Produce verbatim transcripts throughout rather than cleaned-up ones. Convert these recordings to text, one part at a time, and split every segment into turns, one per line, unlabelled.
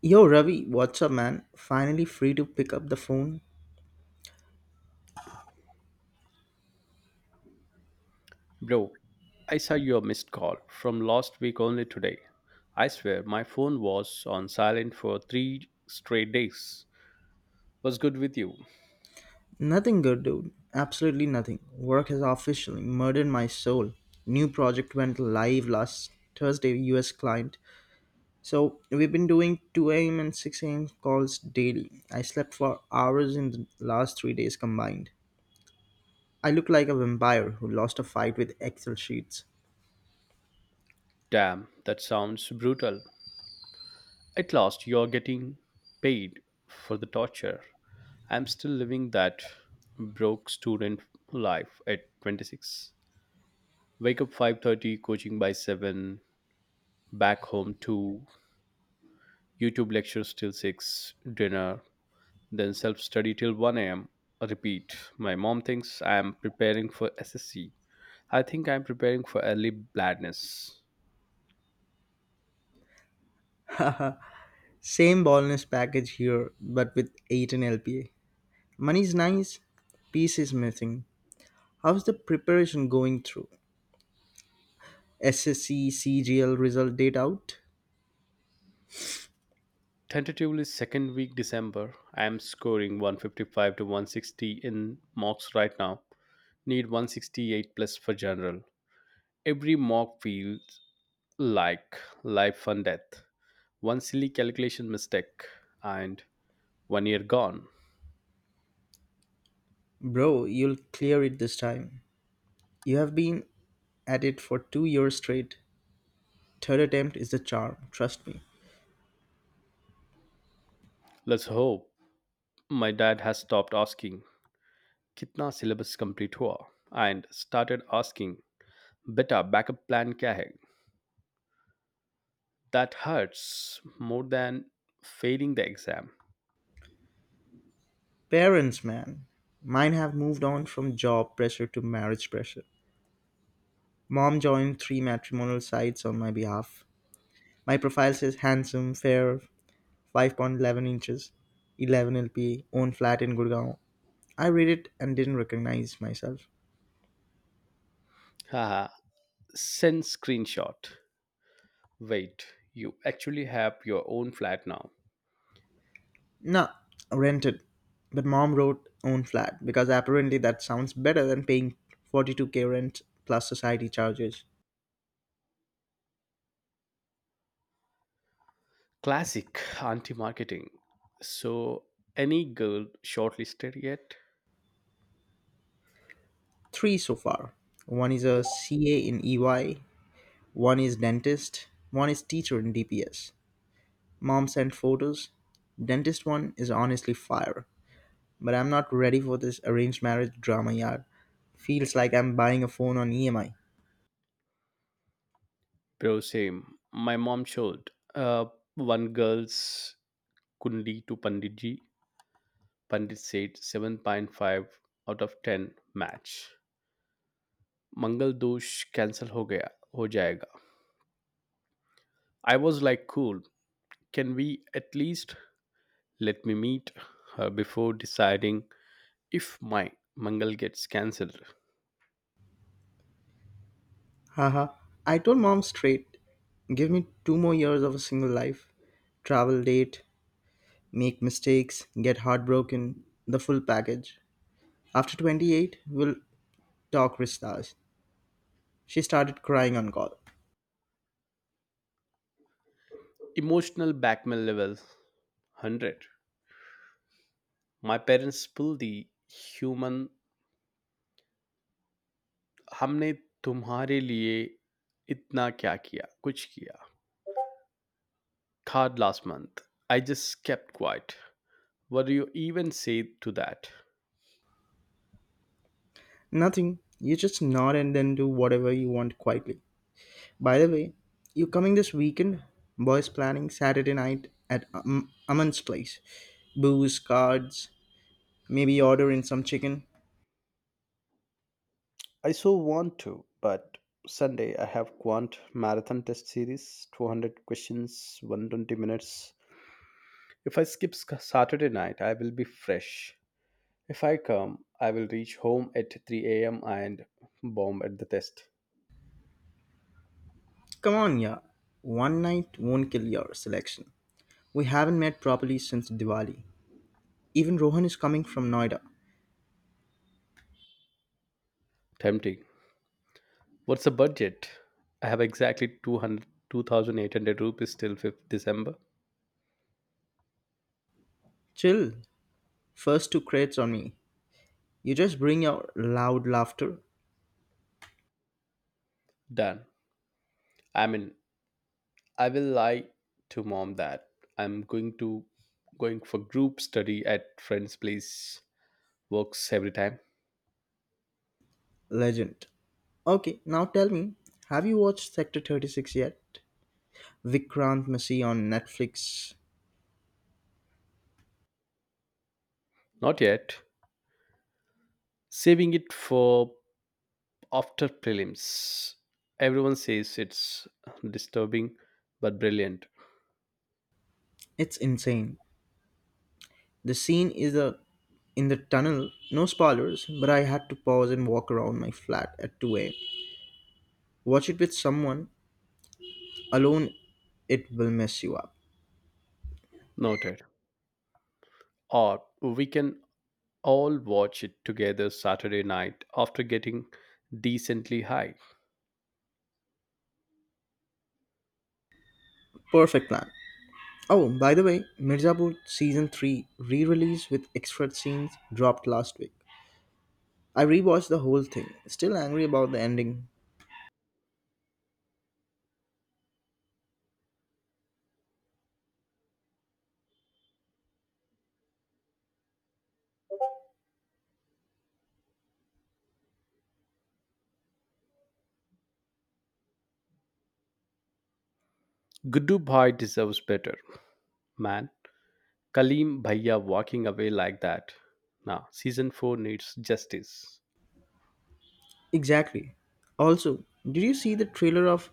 Yo, Ravi, what's up, man? Finally free to pick up the phone?
Bro, I saw your missed call from last week only today. I swear my phone was on silent for three straight days. Was good with you?
Nothing good, dude. Absolutely nothing. Work has officially murdered my soul. New project went live last Thursday, U S client. So we've been doing two a m and six a m calls daily. I slept for hours in the last three days combined. I look like a vampire who lost a fight with Excel sheets.
Damn, that sounds brutal. At last, you're getting paid for the torture. I'm still living that broke student life at twenty-six. Wake up five thirty, coaching by seven, back home two, YouTube lectures till six, dinner, then self study till one a m. Repeat. My mom thinks I am preparing for S S C. I think I am preparing for early bladness.
Same baldness package here, but with eight and L P A. Money's nice, peace is missing. How's the preparation going through? S S C C G L result date out?
Tentatively, second week December, I am scoring one fifty-five to one sixty in mocks right now. Need one sixty-eight plus for general. Every mock feels like life and death. One silly calculation mistake, and one year gone.
Bro, you'll clear it this time. You have been at it for two years straight. Third attempt is the charm, trust me.
Let's hope my dad has stopped asking कितना syllabus complete हुआ, and started asking, बेटा backup plan क्या है. That hurts more than failing the exam.
Parents, man. Mine have moved on from job pressure to marriage pressure. Mom joined three matrimonial sites on my behalf. My profile says handsome, fair, five point one one inches, eleven L P, own flat in Gurgaon. I read it and didn't recognize myself.
Haha, send screenshot. Wait, you actually have your own flat now.
Nah, rented. But mom wrote own flat because apparently that sounds better than paying forty-two k rent plus society charges.
Classic anti marketing. So, any girl shortlisted yet?
Three so far. One is a C A in E Y, one is dentist, one is teacher in D P S. Mom sent photos. Dentist one is honestly fire. But I'm not ready for this arranged marriage drama yard. Feels like I'm buying a phone on E M I.
Bro, same. My mom showed uh, one girl's Kundi to Panditji. Pandit said seven point five out of ten match. मंगल दोष cancel हो गया हो जाएगा I was like cool can we at least let me meet before deciding if my Mangal gets cancelled.
Haha. I told mom straight, give me two more years of a single life, travel date, make mistakes, get heartbroken, the full package. After twenty-eight, we'll talk restars. She started crying on call.
Emotional blackmail level one hundred. My parents pull the human हमने तुम्हारे लिए इतना क्या किया कुछ किया card last month. I just kept quiet. What do you even say to that?
Nothing. You just nod and then do whatever you want quietly. By the way, you coming this weekend? Boys planning Saturday night at um, Aman's place. Booze, cards, maybe order in some chicken.
I so want to, but Sunday I have Quant Marathon Test Series, two hundred questions, one twenty minutes. If I skip sc- Saturday night, I will be fresh. If I come, I will reach home at three a m and bomb at the test.
Come on, yeah. One night won't kill your selection. We haven't met properly since Diwali. Even Rohan is coming from Noida.
Tempting. What's the budget? I have exactly two hundred, two thousand eight hundred rupees till fifth December.
Chill. First two crates on me. You just bring your loud laughter,
Done. I mean, I will lie to mom that I'm going to going for group study at friend's place. Works every time.
legend. Okay, now tell me, have you watched Sector thirty-six yet? Vikrant Massey on Netflix.
Not yet. Saving it for after prelims. Everyone says it's disturbing but brilliant.
It's insane. The scene is a in the tunnel, no spoilers, but I had to pause and walk around my flat at two a m. Watch it with someone, alone it will mess you up.
Noted. Or we can all watch it together Saturday night after getting decently high.
Perfect plan. Oh, by the way, Mirzapur season three re-release with extra scenes dropped last week. I rewatched the whole thing, still angry about the ending.
Gudu Bhai deserves better, man. Kalim Bhaiya walking away like that. Now, season four needs justice.
Exactly. Also, did you see the trailer of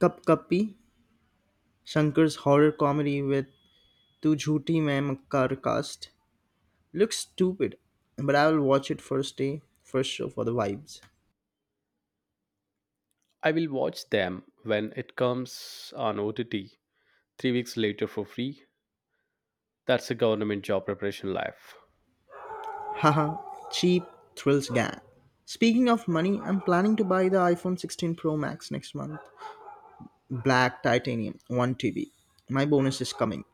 Cup Cuppy, Shankar's horror comedy with Tu Jhuti Main Makar cast? Looks stupid, but I will watch it first day, first show for the vibes.
I will watch them when it comes on O T T three weeks later for free. That's a government job preparation life.
Haha, cheap thrills gang. Speaking of money, I'm planning to buy the iPhone sixteen Pro Max next month. Black titanium, one T B. My bonus is coming.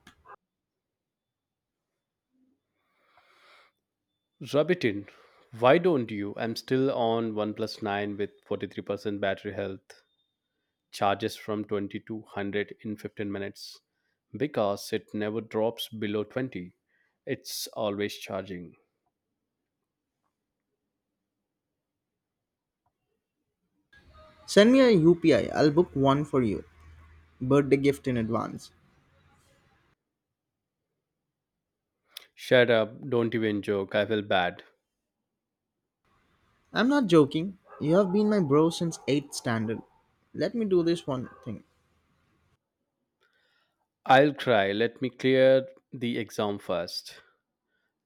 Rub it in. Why don't you? I'm still on OnePlus nine with forty-three percent battery health, charges from twenty to one hundred in fifteen minutes because it never drops below twenty. It's always charging.
Send me a U P I, I'll book one for you. Birthday gift in advance.
Shut up, don't even joke, I feel bad.
I'm not joking. You have been my bro since eighth standard. Let me do this one thing.
I'll cry, let me clear the exam first.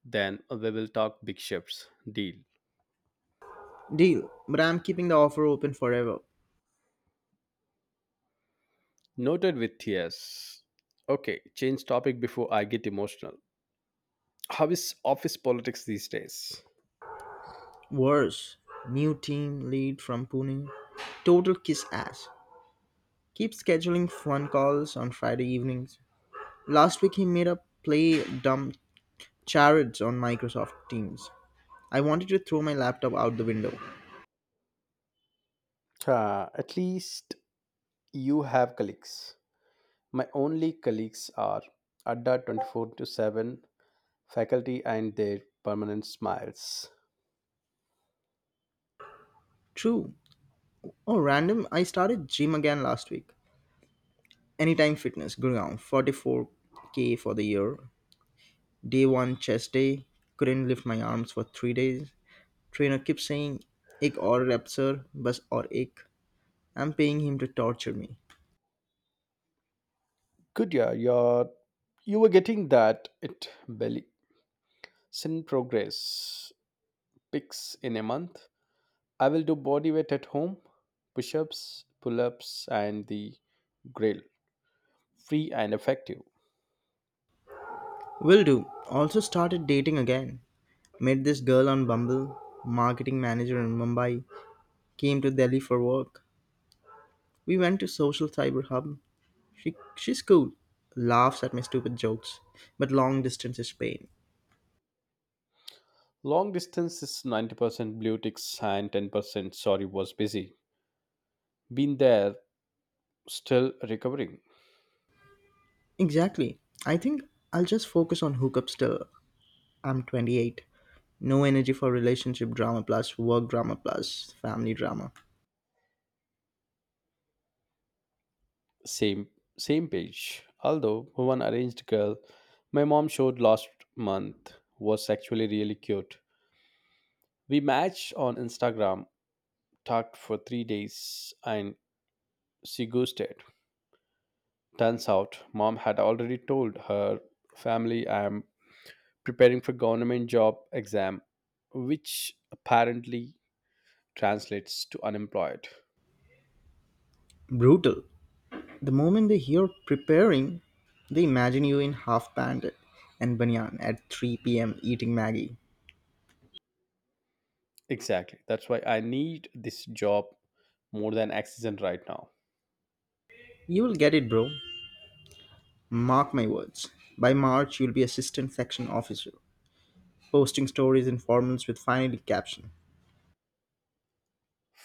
Then we will talk big shifts. Deal.
Deal, but I'm keeping the offer open forever.
Noted with tears. Okay, change topic before I get emotional. How is office politics these days?
Worse, new team lead from Pune. Total kiss ass. Keep scheduling phone calls on Friday evenings. Last week he made up play dumb charades on Microsoft Teams. I wanted to throw my laptop out the window.
Uh, at least you have colleagues. My only colleagues are Adda twenty-four to seven, faculty and their permanent smiles.
True. Oh, random. I started gym again last week. Anytime Fitness, Gurgaon, forty-four k for the year. Day one, chest day, couldn't lift my arms for three days. Trainer keeps saying, ik aur rep sir, bas aur ik. I'm paying him to torture me.
Good, yeah, you're, you were getting that it belly. Sin progress. Pics in a month. I will do body weight at home, push ups, pull ups, and the grill. Free and effective.
Will do. Also started dating again. Met this girl on Bumble, marketing manager in Mumbai. Came to Delhi for work. We went to Social Cyber Hub. She, she's cool. Laughs at my stupid jokes. But long distance is pain.
Long distance is ninety percent blue ticks and ten percent sorry was busy. Been there, still recovering.
Exactly. I think I'll just focus on hookups till I'm twenty-eight. No energy for relationship drama plus work drama plus family drama.
Same Same page. Although one arranged girl my mom showed last month was actually really cute. We matched on Instagram, talked for three days and she ghosted. Turns out mom had already told her family I'm preparing for government job exam, which apparently translates to unemployed.
Brutal. The moment they hear preparing, they imagine you in half pant and banyan at three p m eating Maggie.
Exactly. That's why I need this job more than oxygen right now.
You will get it, bro. Mark my words. By March, you'll be assistant section officer, posting stories in formals with finally caption.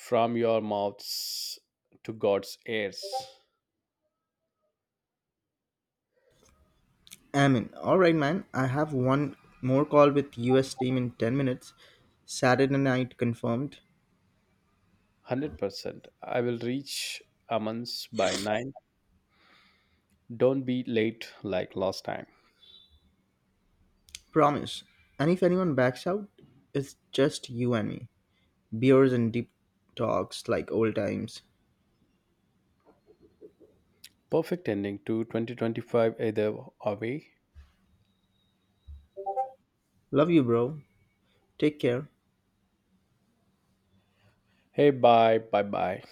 From your mouths to God's ears.
Amin. Alright, man. I have one more call with U S team in ten minutes. Saturday night confirmed.
one hundred percent. I will reach Aman's by nine. Don't be late like last time.
Promise. And if anyone backs out, it's just you and me. Beers and deep talks like old times.
Perfect ending to twenty twenty-five either way.
Love you, bro. Take care.
Hey, bye, bye, bye.